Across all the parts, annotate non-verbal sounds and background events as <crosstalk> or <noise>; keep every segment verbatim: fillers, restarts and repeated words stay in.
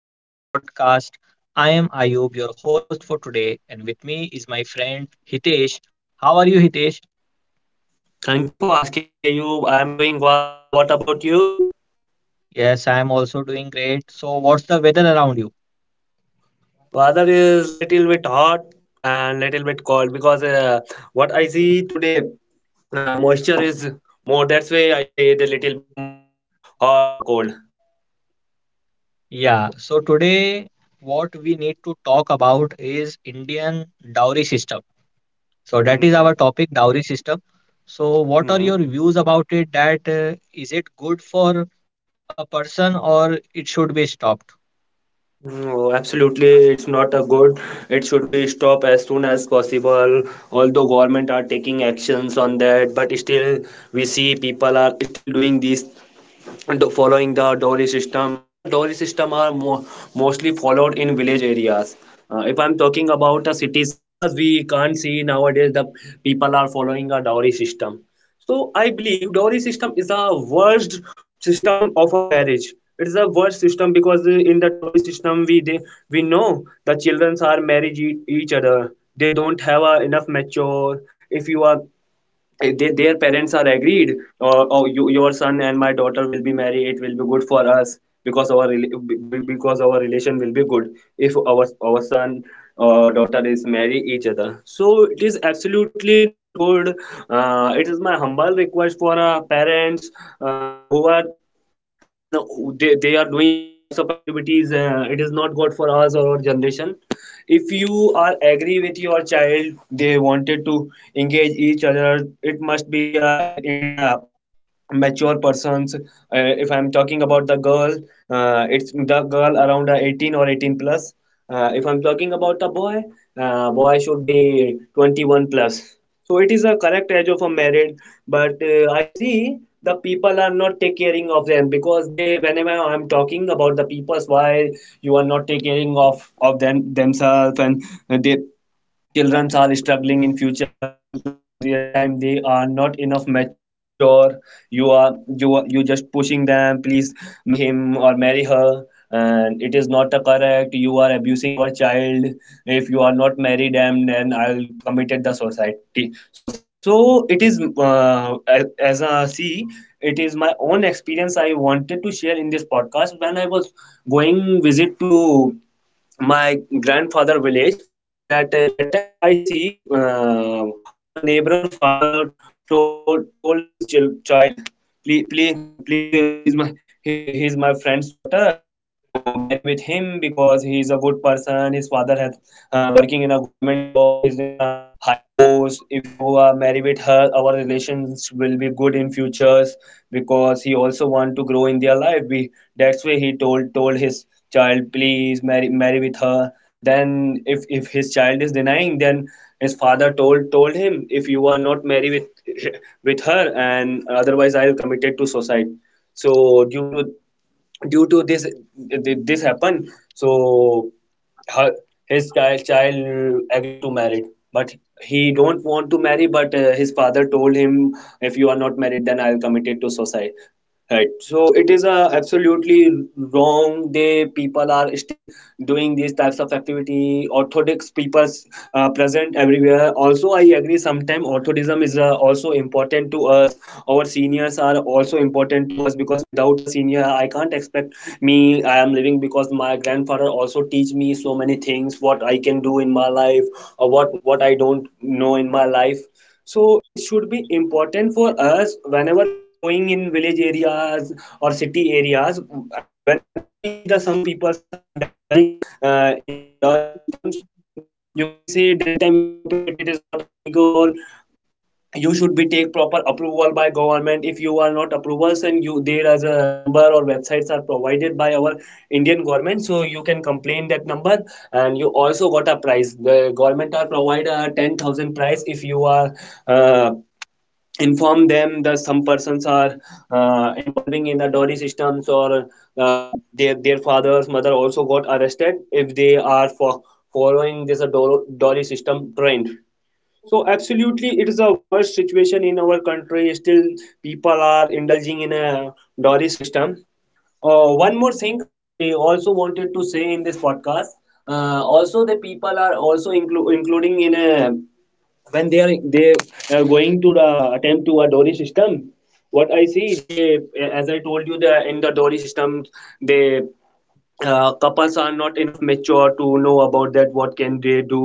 of our podcast. I am Ayub, your host for today, and with me is my friend Hitesh. How are you, Hitesh? Thank you for asking me, Ayub. I'm doing well. What about you? Yes, I am also doing great. So, what's the weather around you? Weather is little bit hot and little bit cold because uh, what I see today, uh, moisture is more. That's why I say the little bit more hot or cold. Yeah, so today what we need to talk about is Indian dowry system. So, that Mm, is yeah. our topic, dowry system. So, what are hmm your views about it? That uh, is it good for a person or it should be stopped? No, absolutely, it's not a good. It should be stopped as soon as possible. Although government are taking actions on that, but still we see people are still doing these do- following the dowry system the dowry system are mo- mostly followed in village areas. Uh, if I'm talking about the cities areas, we can't see nowadays the people are following a dowry system. So I believe dowry system is a worst system of a marriage. It is a worst system because uh, in the dowry system we they, we know the children are married e, each other, they don't have a enough mature. If you are they, their parents are agreed or, or you, your son and my daughter will be married, it will be good for us, because our rela- be- be- because our relation will be good. If our our son or daughter is marry each other, so it is absolutely not good. Uh, it is my humble request for uh, parents uh, who are one they, they are doing these types of activities. Uh, it is not good for us or our generation. If you are agree with your child, they wanted to engage each other, it must be uh, it, it in a mature persons. Uh, if I'm talking about the girl, uh, it's the girl around uh, eighteen or eighteen plus. Uh, if I'm talking about the boy, uh, boy should be twenty-one plus. So it is a correct age of a married. But uh, I see the people are not take caring of them, because they whenever I'm talking about the peoples, why you are not taking caring of of them themselves? And uh, they children are struggling in future because their time they are not enough mature. you are you are you just pushing them, please marry him or marry her, and it is not correct, you are abusing your child. If you are not married them, then I'll committed the society suicide. So it is uh, as, as a see, it is my own experience, I wanted to share in this podcast. When I was going visit to my grandfather village, that uh, that time I see uh, our neighbor father told told, told his chil- child, please please, please, uh, he's my he he's my friend's daughter, so marry with him, because he's a good person. His father has uh, working in a government job, he's in a high post. If you are marry with her, our relations will be good in futures, because he also want to grow in their life. We That's why he told told his child, please marry marry with her. Then if if his child is denying, then his father told told him, if you are not married with <laughs> with her and otherwise I'll commit it to suicide. So due to due to this th- this happened. So her his child child agreed to marry, but he don't want to marry. But uh, his father told him, if you are not married then I'll commit it to suicide. Right. So it is uh, absolutely wrong. They people are still doing these types of activity. Orthodox people uh, present everywhere. Also, I agree, sometimes orthodism is uh, also important to us. Our seniors are also important to us, because without a senior, I can't expect me. I am living because my grandfather also teach me so many things, what I can do in my life or what what I don't know in my life. So it should be important for us whenever we are going in village areas or city areas. uh, Whenever we see that some peoples are indulging uh, in the dowry systems, you can you can say that time stop it. It is not illegal. You should be take proper approval by government. If you are not approvals and you there is a number or websites are provided by our Indian government, so you can complain that number and you also got a prize. The government are provide a ten thousand prize if you are. Uh, Inform them that some persons are uh, involving in the dowry systems or uh, their their father's mother also got arrested if they are for following this uh, dow- dowry system trend. So absolutely it is a worst situation in our country, still people are indulging in a dowry system. Uh, one more thing I also wanted to say in this podcast, uh, also the people are also inclu- including in a, when they are they are going to the attempt to a dory system, what I see, they, as I told you, the in the dory system, they uh, couples are not enough mature to know about that what can they do.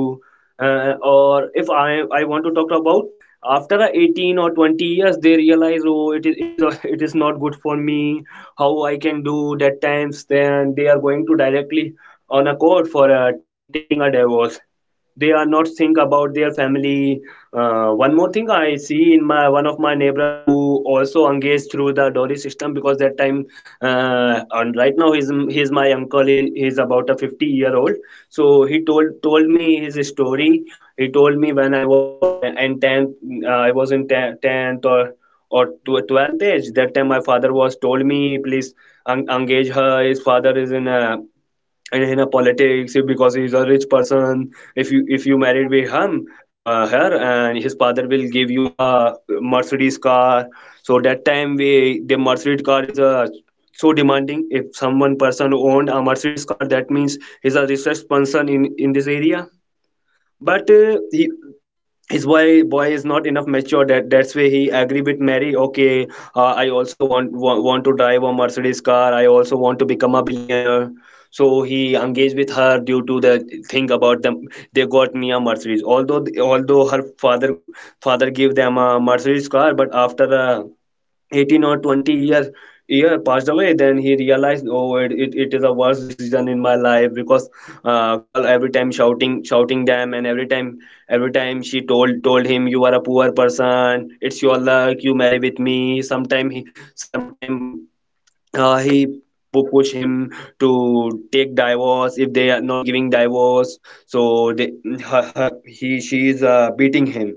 uh, Or if i I want to talk about, after a eighteen or twenty years they realize oh it is it is a, <laughs> it is not good for me, how I can do that times. Then they are going to directly on a court for uh, take, taking a divorce. They are not think about their family. Uh, one more thing I see in my one of my neighbor who also engaged through the dowry system because that time uh, and right now he's he's my uncle he, he's about a fifty year old. So he told told me his story. He told me, when I was uh, in tenth, uh, I was in tenth or or tw- twelfth age, that time my father was told me, please en- engage her, his father is in a and in a politics if- because he's a rich person, if you if you married with him, uh, her and his father will give you a mercedes car. So that time we the mercedes car is a so demanding, if someone person owned a mercedes car, that means he's a richest person in in this area. But uh, he, his boy boy Yeah, is not enough mature, that that's why he agree with mary okay. Uh, i also want, want want to drive a mercedes car, I also want to become a billionaire. So he engaged with her due to the thing about them, they got me a mercedes. Although although her father father gave them a mercedes car, but after uh, eighteen or twenty years year year passed away, then he realized oh it, it, it is a worse decision in my life, because uh, girl every time shouting shouting them and every time every time she told told him, you are a poor person, it's your luck you marry with me. sometime he sometime uh, he pu- push him to take divorce. If they are not giving divorce, so they her, her, he she is uh, beating him.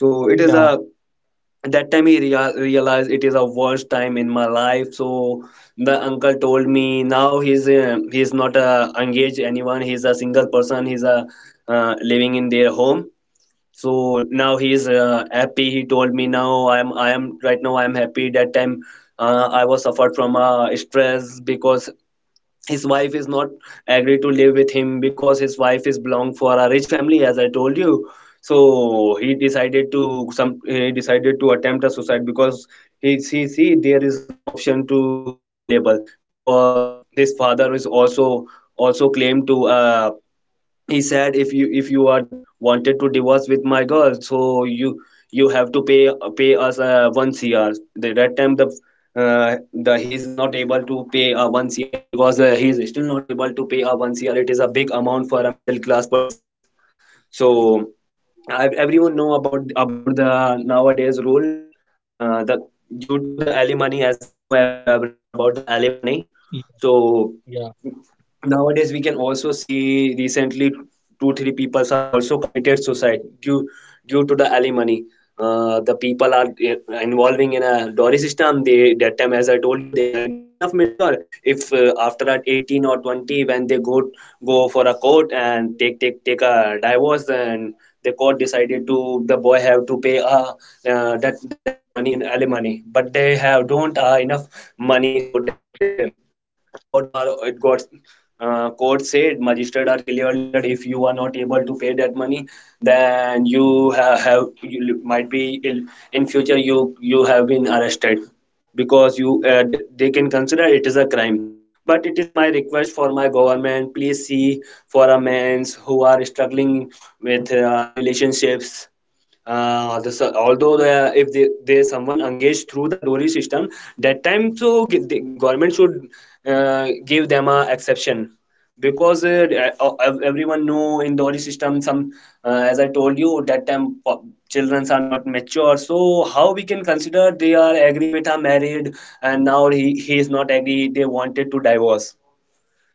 So it is a, y- yeah, that time he rea- realized it is a worst time in my life. So the uncle told me, now he's uh, he's not uh, engaged anyone, he's a single person, he's a uh, living in their home. So now he's yeah, uh, happy, he told me now i'm I am right now I'm happy. That time uh, I was suffered from uh, stress, because his wife is not agree to live with him, because his wife is belong for a rich family, as I told you. So he decided to some he decided to attempt a suicide, because he see, see there is no option to available, because his father is also also claimed to uh, he said, if you if you are wanted to divorce with my girl, so you you have to pay pay us uh, one cr. The that time the uh, the he is not able to pay uh, one cr, because uh, he is still not able to pay a one cr, it is a big amount for a middle class persons. So I, everyone know about about the nowadays rule, uh, the due to the alimony, as we know every everyone about the alimony. So nowadays we can also see recently two three peoples are also committed suicide due due to the alimony. Uh, the people are eh, involving in a dowry system, they, that time, as I told you, they are not enough mature. If uh, after at eighteen or twenty when they go go for a court and take take take a divorce, and the court decided to the boy have to pay uh, uh, that that that money in alimony, but they have don't uh, enough money. So that's where God or it got uh, court said, magistrate are clearly said, if you are not able to pay that money, then you have, have you li- might be in, in future you you have been arrested because you uh, d- they can consider it is a crime. But it is my request for my government, please see for a men who are struggling with uh, relationships. Uh, this, although the, if they, they someone engaged through the dowry system that time, so g- the government should uh, give them a exception, because uh, uh, uh, ev- everyone know in dowry system some, uh, as I told you that time po- children are not mature, so how we can consider they are agree with a married. And now he, he is not agree, they wanted to divorce.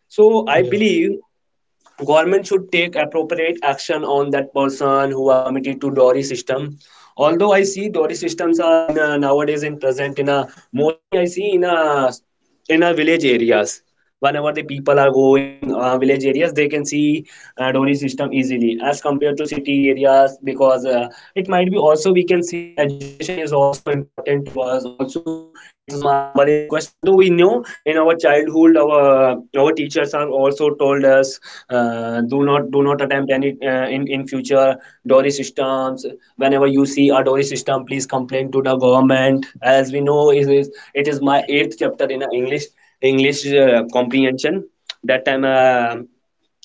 So I believe government should take appropriate action on that person who are committed to dowry system. Although I see dowry systems are in a, nowadays in present in a, mostly I see in a, in our village areas. Whenever the people are going uh, village areas, they can see uh, dori system easily as compared to city areas because uh, it might be, also we can see education is also important to us also. It is my humble request, although we know in our childhood our our teachers are also told us, uh, do not do not attempt any uh, in in future dori systems. Whenever you see see a dowry system, please complain to the government. As we know, it is it is my eighth chapter in uh, english english uh, comprehension. That time, uh,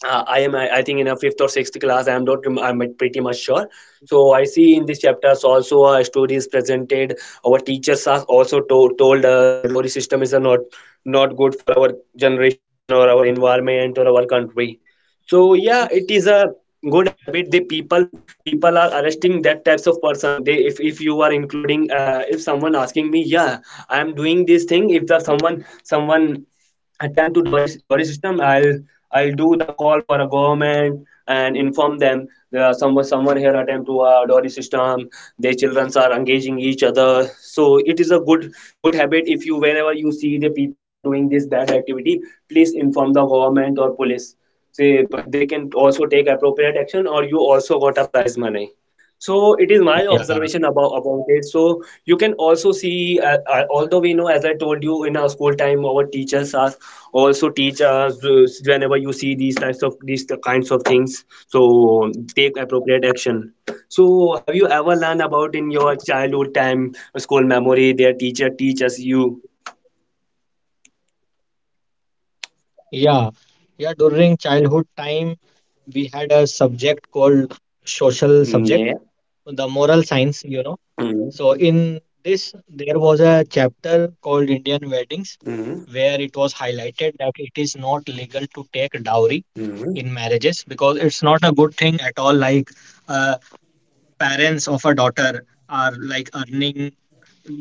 uh, I am, I I think, in a fifth or sixth class. I am not, I'm pretty much sure. So I see in these chapters also uh, stories presented. Our teachers are also to- told us the lorry system is a not not good for our generation or our environment or our country. So yeah, it is a good habit, the people people are arresting that types of person. They if, if you are including uh, if someone asking me, yeah, I am doing this thing. If the someone someone attempt to Doris Doris system, I'll I'll do the call for a government and inform them there are someone someone here attempt to uh, Doris system. Their children are engaging each other, so it is a good good habit. If you whenever you see the people are doing this bad activity, please inform the government or police, say. But they can also take appropriate action, or you also got a prize money. So it is my observation about yeah, about it. So you can also see, uh, uh, although we know, as I told you, in our school time our teachers are also teach us uh, whenever you see these types of these kinds of things, so take appropriate action. So have you ever learned about in your childhood time school memory, their teacher teaches you? yeah. Yeah, during childhood time, we had a subject called social subject, Mm, yeah. the moral science, you know. So Mm-hmm. in this, there was a chapter called Indian Weddings, Mm-hmm. where it was highlighted that it is not legal to take dowry in marriages because it's not a good thing at all. Like uh, parents of a daughter are like earning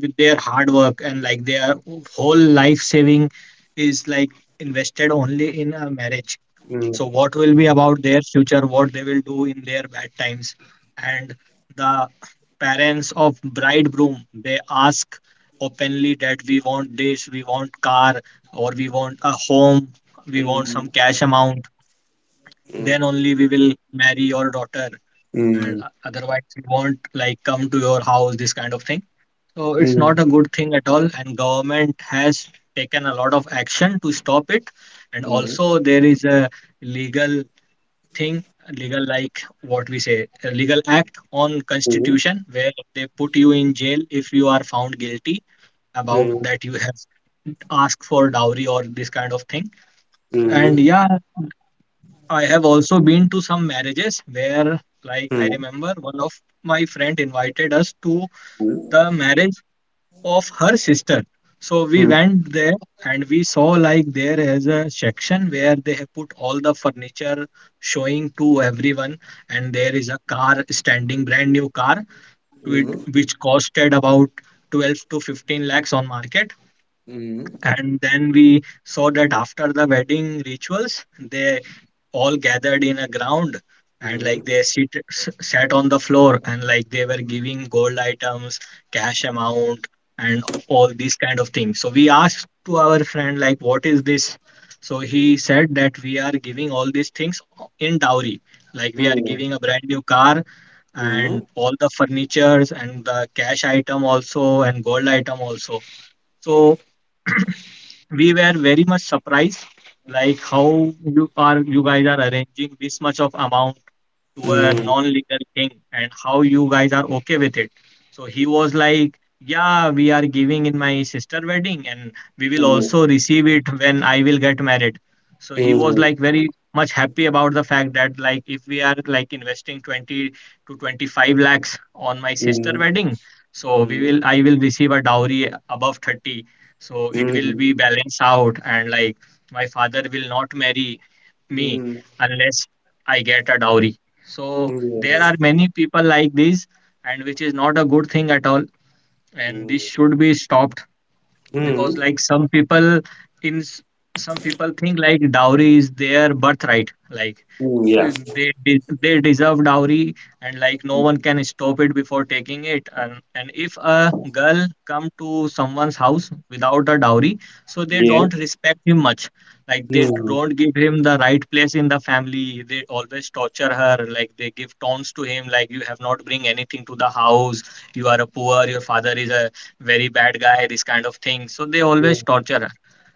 with their hard work, and like their whole life saving is like invested only in a marriage. So Mm-hmm. what will be about their future, what they will do in their bad times? And the parents of bridegroom, they ask openly that we want this, we want car, or we want a home, we want some cash amount, then only we will marry your daughter, and o- otherwise we won't like come to your house, this kind of thing. So it's not a good thing at all, and government has taken a lot of action to stop it. And also there is a legal thing, legal like what we say, a legal act on constitution where they put you in jail if you are found guilty about that you have asked for dowry or this kind of thing. And yeah, I have also been to some marriages where, like, I remember one of my friend invited us to the marriage of her sister. So we went there, and we saw like there is a section where they have put all the furniture showing to everyone, and there is a car standing, brand new car, to which costed about twelve to fifteen lakhs on market. And then we saw that after the wedding rituals, they all gathered in a ground, and like they sit, s- sat on the floor, and like they were giving gold items, cash amount, and all these kind of things. So we asked to our friend, like, what is this? So he said that we are giving all these things o- in dowry. Like we are giving a brand new car and all the furnitures and the cash item also, and gold item also. So we were very much surprised, like, how you are you guys are arranging this much of amount to a non-legal thing, and how you guys are okay with it. So he was like, "Yeah, we are giving in my sister wedding, and we will also receive it when I will get married." So he was like very much happy about the fact that like if we are like investing twenty to twenty-five lakhs on my sister wedding, so we will I will receive a dowry above thirty. So it will be balanced out, and like my father will not marry me unless I get a dowry. So there are many people like this, and which is not a good thing at all. And this should be stopped because, like, some people in s- some people think like dowry is their birthright. Like Mm, they de- they deserve dowry, and like no one can stop it before taking it. And and if a girl come to someone's house without a dowry, so they don't respect him much, like they don't give him the right place in the family, they always torture her, like they give taunts to him, like you have not bring anything to the house, you are a poor, your father is a very bad guy, this kind of thing, so they always torture her.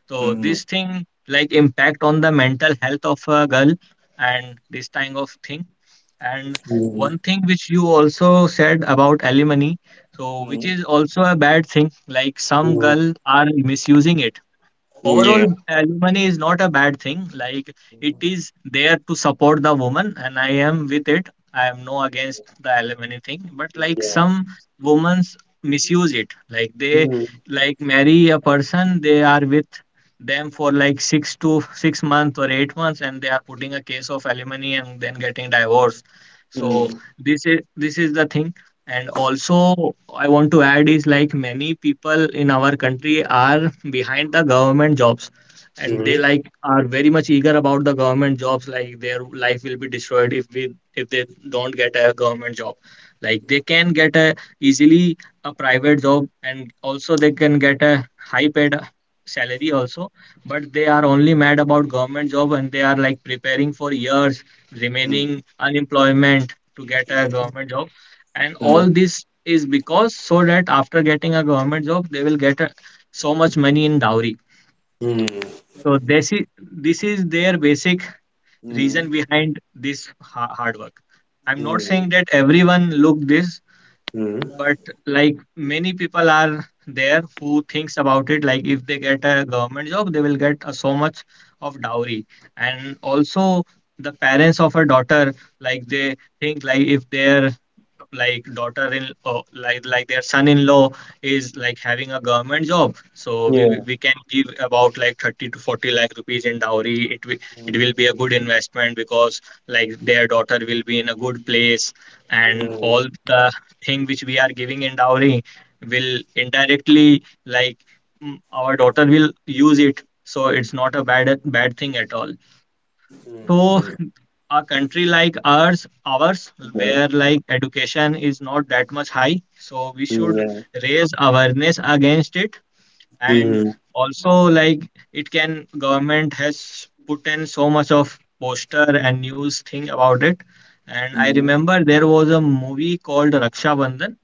So this thing like impact on the mental health of a girl, and this kind of thing. And one thing which you also said about alimony, so which is also a bad thing, like some girl are misusing it. Overall alimony is not a bad thing, like it is there to support the woman, and I am with it, I am no against the alimony thing, but like some women's misuse it, like they like marry a person, they are with them for like six to six months or eight months, and they are putting a case of alimony and then getting divorced. So this is this is the thing. And also, I want to add is like many people in our country are behind the government jobs, and they like are very much eager about the government jobs, like their life will be destroyed if we if they don't get a government job. Like they can get a easily a private job, and also they can get a high paid salary also, but they are only mad about government job, and they are like preparing for years remaining unemployment to get a government job. And all this is because so that after getting a government job they will get a, so much money in dowry. So this is this is their basic reason behind this ha- hard work. I'm not saying that everyone look this, but like many people are there who thinks about it, like if they get a government job they will get a, so much of dowry. And also the parents of a daughter, like they think like if their like daughter in uh, like like their son-in-law is like having a government job, so we, we we can give about like thirty to forty lakh rupees in dowry, it will it will be a good investment because like their daughter will be in a good place, and all the thing which we are giving in dowry will indirectly like mm, our daughter will use it. So it's not a bad bad thing at all. So a country like ours ours where like education is not that much high, so we should raise awareness against it. And also, like, it can government has put in so much of poster and news thing about it. And I remember there was a movie called Raksha Bandhan,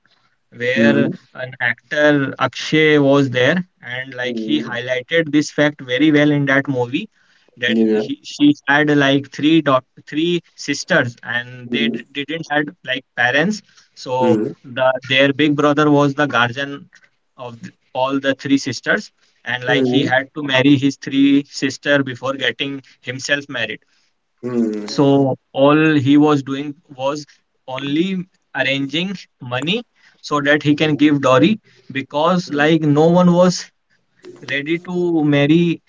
where an actor Akshay was there, and like he highlighted this fact very well in that movie, that he she had like three dot three sisters, and they d- didn't had like parents, so the their big brother was the guardian of th- all the three sisters. And like he had to marry his three sister before getting himself married. So all he was doing was only arranging money so that he can give dowry, because like no one was ready to marry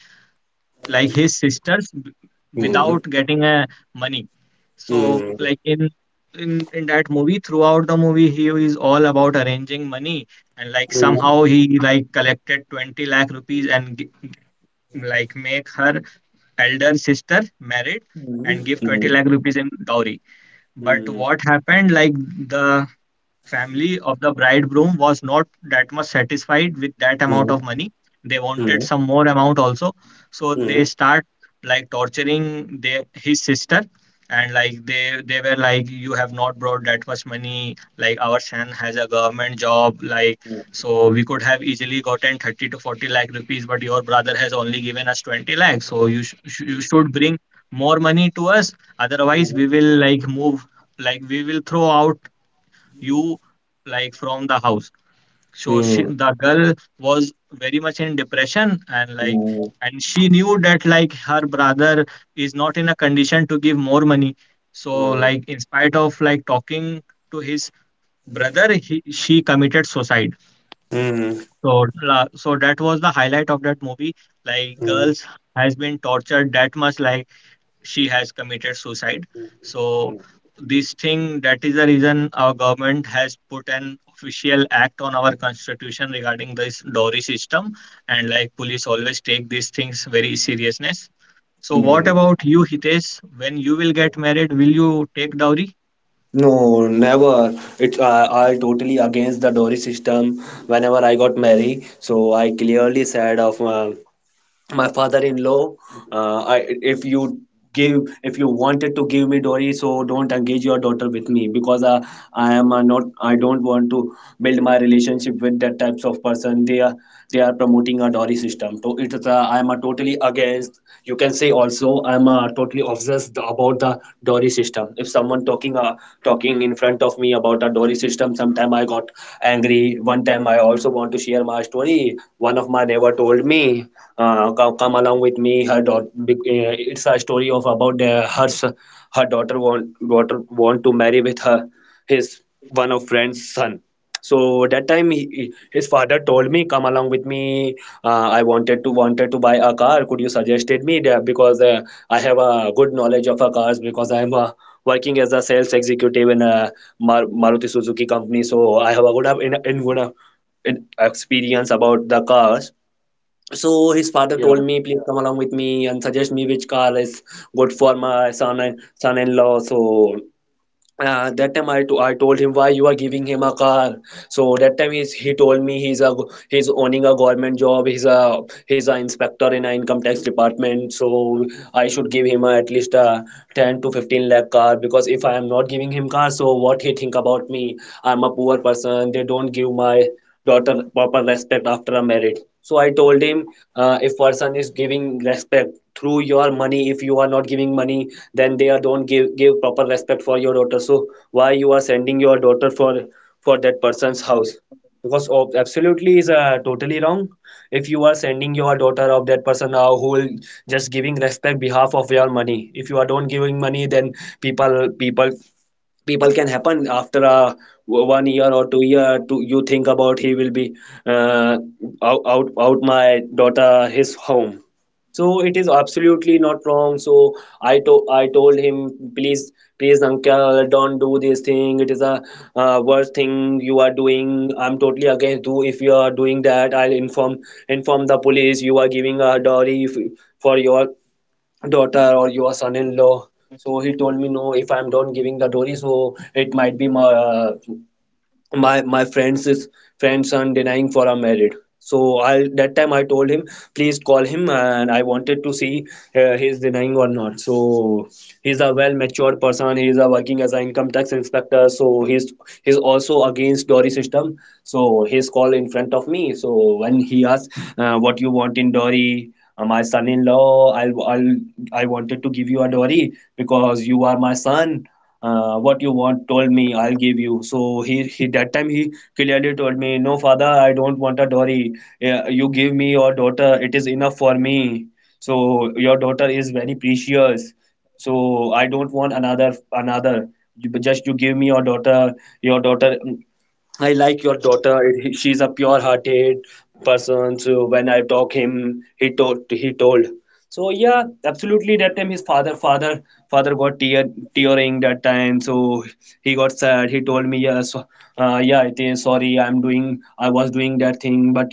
like his sisters b- without getting a money. So like in in in that movie, throughout the movie, he is all about arranging money, and like somehow he like collected twenty lakh rupees, and g- like make her elder sister married and give twenty lakh rupees in dowry. But what happened, like, the family of the bridegroom was not that much satisfied with that amount of money, they wanted some more amount also. So they start like torturing their his sister. And like they they were like you have not brought that much money, like our son has a government job, like so we could have easily gotten thirty to forty lakh rupees, but your brother has only given us twenty lakh, so you sh- sh- you should bring more money to us. Otherwise we will like move, like we will throw out you like from the house. So she, the girl was very much in depression, and like, and she knew that like her brother is not in a condition to give more money. So like in spite of like talking to his brother, he, she committed suicide. So la- so that was the highlight of that movie. Like girls has been tortured that much like she has committed suicide. So this thing, that is the reason our government has put an official act on our constitution regarding this dowry system, and like police always take these things very seriousness. So what about you, Hitesh, when you will get married, will you take dowry? No, never. It's uh, I totally against the dowry system. Whenever I got married, so I clearly said of uh, my father-in-law, uh, I, if you give, if you wanted to give me dowry, so don't engage your daughter with me, because uh, I am uh, not, I don't want to build my relationship with that types of person. They are they are promoting a dowry system, so it's a, I'm a totally against. You can say also I'm a totally obsessed about the dowry system. If someone talking, uh, talking in front of me about a dowry system, sometime I got angry. One time I also want to share my story. One of my neighbor told me, uh, come, come along with me, her daughter, it's a story of about the, her s- her daughter want, daughter want to marry with her his one of friend's son. So that time he, his father told me come along with me. uh, I wanted to wanted to buy a car, could you suggested me that, because uh, I have a good knowledge of uh, cars, because I am uh, working as a sales executive in a Mar- maruti suzuki company, so I have a good uh, in, in good uh, in experience about the cars. So his father told me, please come along with me and suggest me which car is good for my son and son-in-law. So uh, that time I, to, I told him, why you are giving him a car? So that time he's, he told me he's a he's owning a government job, he's a he's an inspector in an income tax department. So I should give him a, at least a ten to fifteen lakh car, because if I am not giving him car, so what he think about me? I'm a poor person, they don't give my daughter proper respect after a marriage. So I told him, uh, if person is giving respect through your money, if you are not giving money, then they are don't give give proper respect for your daughter. So why you are sending your daughter for for that person's house? Because of absolutely is uh, totally wrong. If you are sending your daughter of that person, now who will just giving respect behalf of your money, if you are don't giving money, then people people people can happen after a one year or two year. To you think about, he will be uh, out, out out my daughter his home. So it is absolutely not wrong. So i to I told him, please please uncle, don't do this thing. It is a uh, worst thing you are doing. I'm totally against you. If you are doing that, I'll inform inform the police you are giving a dowry if, for your daughter or your son-in-law. So he told me, no, if I'm don't giving the dowry, so it might be my, uh, my my friends is friends son denying for our am married. So I that time I told him please call him, and I wanted to see uh, he's denying or not. So he's a well matured person. He's a working as an income tax inspector. So he's he's also against dowry system. So he's called in front of me. So when he asked uh, what you want in dowry, uh, my son-in-law, I'll I'll, I wanted to give you a dowry because you are my son. Uh, what you want, told me I'll give you. So he, he that time he clearly told me, no father, I don't want a dowry. Yeah, you give me your daughter, it is enough for me. So your daughter is very precious. So I don't want another another you, but just you give me your daughter, your daughter I like your daughter. He- She's a pure-hearted person. So when I talk him, he told he told. So yeah, absolutely. That time his father father father got tear tearing that time. So he got sad. He told me yes, uh, yeah, it is sorry. I'm doing I was doing that thing, but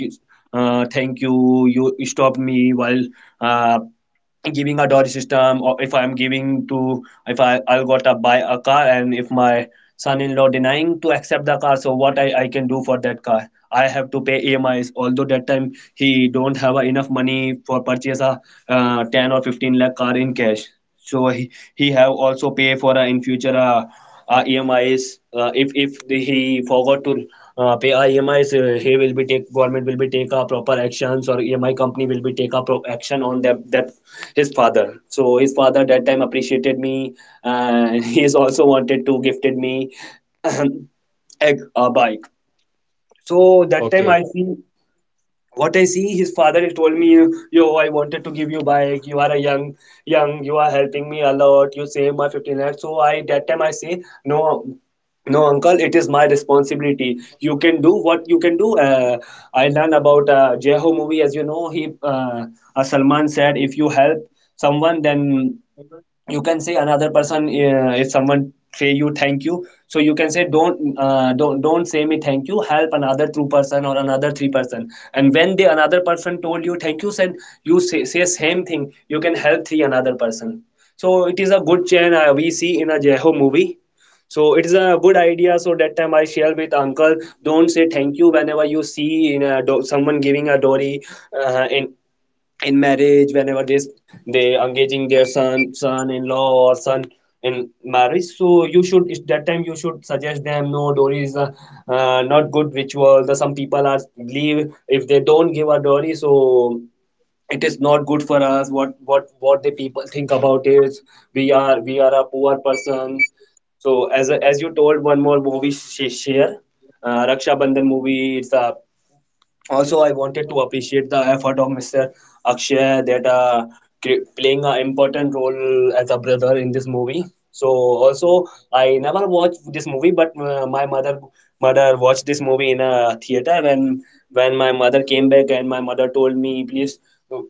uh, thank you. You stopped me while uh, giving a dot system. Or if I'm giving to, if i I'll got to buy a car, and if my son-in-law denying to accept the car, so what i I can do for that car? I have to pay emis, although that time he don't have uh, enough money for purchase a uh, ten or fifteen lakh car in cash. So he, he have also pay for uh, in future, uh, uh, emis, uh, if if he forgot to uh, pay our E M Is, uh, he will be take, government will be take a proper actions, or E M I company will be take a pro- action on them. That his father, so his father that time appreciated me, and <laughs> he's also wanted to gifted me <clears throat> a, a bike. So that time Okay. I see what i see his father he told me, yo, I wanted to give you bike, you are a young young, you are helping me a lot, you save my fifteen lakhs. So I that time I say, no no uncle, it is my responsibility. You can do what you can do. uh, I learned about uh, jeho movie, as you know, he uh, uh, salman said, if you help someone, then you can say another person, uh, if someone say you thank you, so you can say, don't uh, don't don't say me thank you, help another two person or another three person. And when the another person told you thank you, then you say, say same thing, you can help three another person. So it is a good chain, uh, we see in a jeho movie. So it is a good idea. So that time I share with uncle, don't say thank you. Whenever you see in a do- someone giving a dory uh, in in marriage, whenever they they engaging their son son-in-law or son in marriage, so you should at that time you should suggest them, no dowry is a, uh, not good ritual the Some people are believe if they don't give a dowry, so it is not good for us. What what what the people think about is we are we are a poor person. So, as as you told, one more movie sh- share, uh, Raksha Bandhan movie. It's a, also I wanted to appreciate the effort of Mr. Akshay, that uh, cre- playing an important role as a brother in this movie. So also I never watched this movie, but uh, my mother mother watched this movie in a theater. When when my mother came back, and my mother told me, "Please,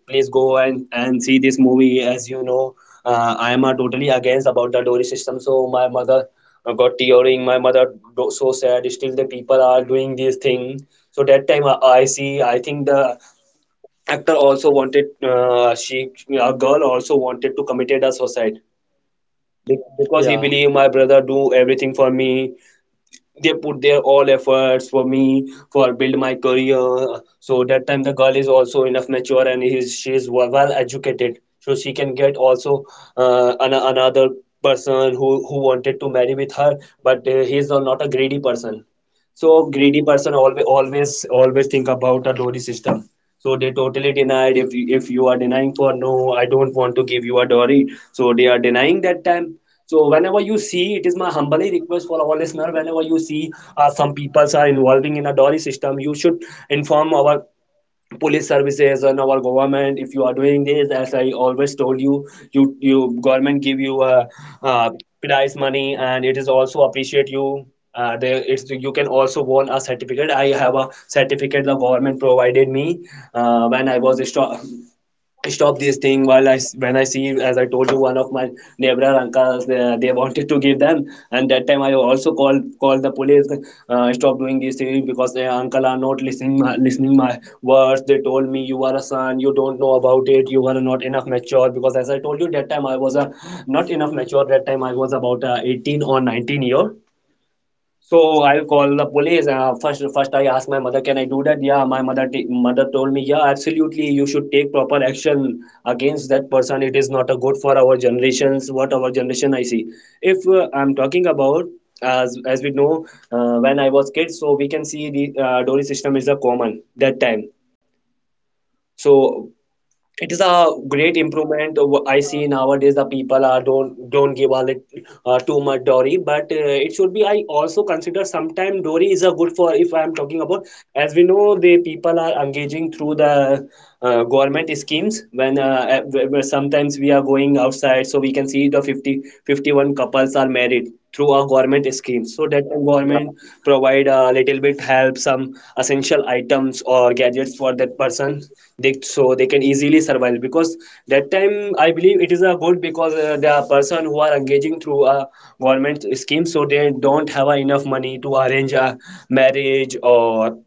please go and and see this movie. As you know, uh, I am uh, totally against about the dory system." So my mother uh, got tearing. My mother, do- so sad, still the people are doing this thing. So that time i, I see, I think the actor also wanted, uh, she, a girl, also wanted to committed a suicide. Be- because he believed, "My brother do everything for me. They put their all efforts for me, for build my career." So that time the girl is also enough mature, and is she is well educated, so she can get also uh, an, another person who who wanted to marry with her. But uh, he is not a greedy person. So greedy person always always always think about a dowry system. So they totally denied. If you, if you are denying for no, "I don't want to give you a dowry," so they are denying that time. So whenever you see, it is my humbly request for our listener, whenever you see uh, some peoples are involving in a dowry system, you should inform our police services and our government. If you are doing this, as I always told you you you government give you a, uh prize money, and it is also appreciate you. Uh, there it's, you can also won a certificate. I have a certificate the government provided me uh, when I was a stu- stop this thing. While I When I see, as I told you, one of my neighbor uncles, uh, they wanted to give them, and that time I also called called the police, uh, stop doing these things. Because their uncle are not listening my, listening my words. They told me, "You are a son, you don't know about it, you are not enough mature." Because as I told you, that time I was a, not enough mature. That time I was about uh, eighteen or nineteen year. So I'll call the police. Uh, first, first I asked my mother, "Can I do that?" Yeah, my mother t- mother told me, "Yeah, absolutely. You should take proper action against that person. It is not a good for our generations." What our generation I see. If uh, I'm talking about, as as we know, uh, when I was kid, so we can see the uh, dowry system is a common that time. So it is a great improvement. Of I see nowadays the people are don't don't give a lit, uh, too much dory. But uh, it should be, I also consider sometime dory is a good for, if I am talking about, as we know the people are engaging through the uh, government schemes. When uh, uh, where- where sometimes we are going outside, so we can see the fifty fifty one couples are married through a government scheme, so that the government provide a little bit help, some essential items or gadgets for that person. They, so they can easily survive, because that time I believe it is a good, because uh, the person who are engaging through a government scheme, so they don't have a enough money to arrange a marriage, or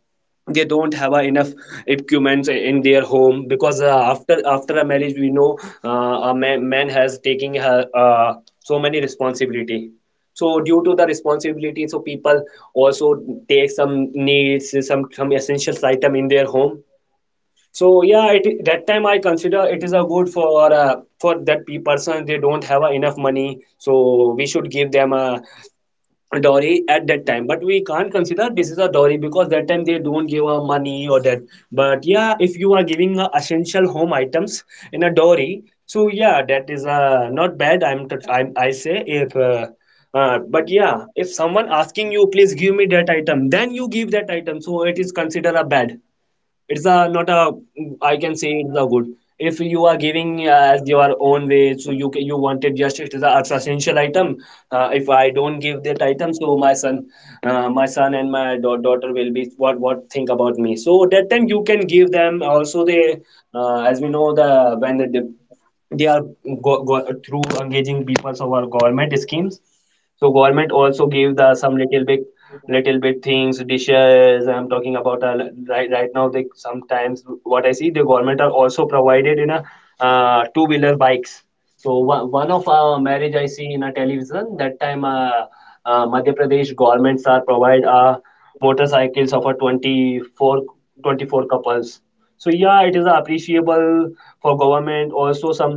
they don't have uh, enough equipments in their home, because uh, after after a marriage, we know uh, a man, man has taking her uh, so many responsibility. So due to the responsibility, so people also take some needs, some some essentials item in their home. So yeah, it, that time I consider it is a good for uh, for that pe- person. They don't have uh, enough money, so we should give them a dowry at that time. But we can't consider this is a dowry, because that time they don't give a money or that. But yeah, if you are giving a essential home items in a dowry, so yeah, that is uh, not bad. i'm t- I'm- I say, if uh, uh, but yeah, if someone asking you, "Please give me that item," then you give that item, so it is considered a bad. It's a not a, I can say it's a good, if you are giving uh, as your own way. So you ca- you wanted just it is a, it's essential item. Uh, if I don't give that item, so my son, uh, my son and my da- daughter will be what what think about me. So that time you can give them also. They, uh, as we know, the when the, they are go, go, through engaging people of our government schemes. So government also give the some little bit little bit things, dishes I'm talking about. uh, right, right now, they sometimes, what I see, the government are also provided in a uh, two wheeler bikes. So one, one of our marriage I see in a television that time. Uh, uh, madhya Pradesh governments are provide uh, motorcycles of a 24 twenty-four couples. So yeah, it is appreciable for government. Also some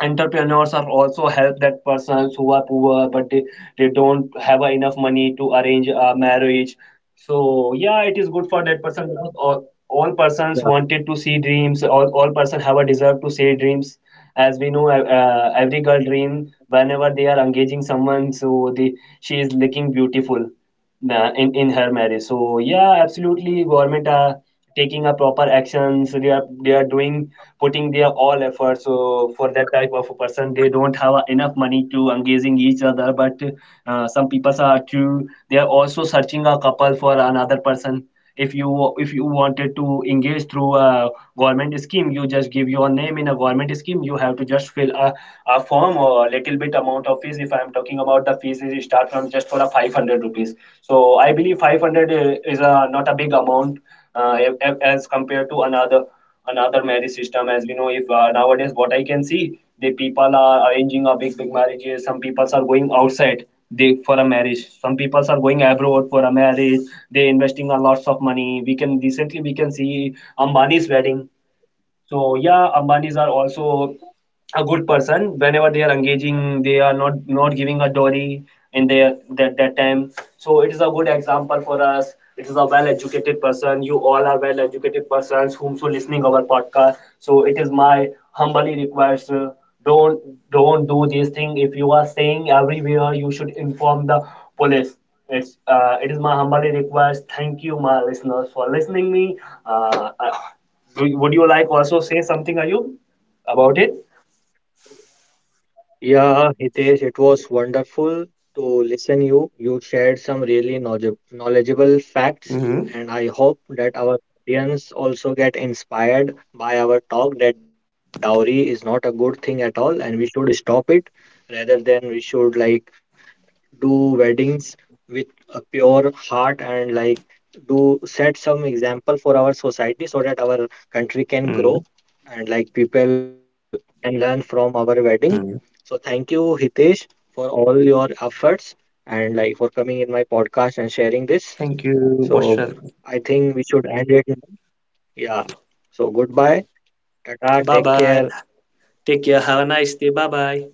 entrepreneurs are also help that persons who are poor, but they, they don't have enough money to arrange a marriage. So yeah, it is good for that person, because all, all persons wanted to see dreams, all, all person have a desire to see dreams. As we know, uh, uh, every girl dream, whenever they are engaging someone, so the she is looking beautiful uh, in in her marriage. So yeah, absolutely government are taking a proper actions. They are they are doing, putting their all efforts, so for that type of a person, they don't have enough money to engaging each other. But uh, some people are too, they are also searching a couple for another person. If you if you wanted to engage through a government scheme, you just give your name in a government scheme. You have to just fill a, a form or a little bit amount of fees. If I am talking about the fees, it start from just for a five hundred rupees. So I believe five hundred is a, not a big amount, uh, as compared to another, another marriage system, as we know. If uh, nowadays, what I can see, the people are arranging a big big marriages. Some people are going outside, they, for a marriage. Some people are going abroad for a marriage. They investing a lots of money. We can Recently, we can see Ambani's wedding. So yeah, Ambanis are also a good person. Whenever they are engaging, they are not not giving a dowry in their that, that time. So it is a good example for us. It is a well educated person. You all are well educated persons whomso listening our podcast. So it is my humbly request, uh, don't don't do this thing. If you are saying everywhere, you should inform the police. it's uh, it is my humbly request. Thank you my listeners for listening me. uh, uh, do- would you like also say something, Ayub, about it? Yeah, Hitesh, it was wonderful to listen you. You shared some really knowledge- knowledgeable facts, and I hope that our audience also get inspired by our talk that dowry is not a good thing at all, and we should stop it, rather than we should like do weddings with a pure heart, and like do set some example for our society so that our country can grow, and like people can learn from our wedding. So thank you, Hitesh, for all your efforts and like for coming in my podcast and sharing this. So I think we should end it now. Yeah. So goodbye. Tata. Bye Take bye. care. Take care. Have a nice day. Bye bye.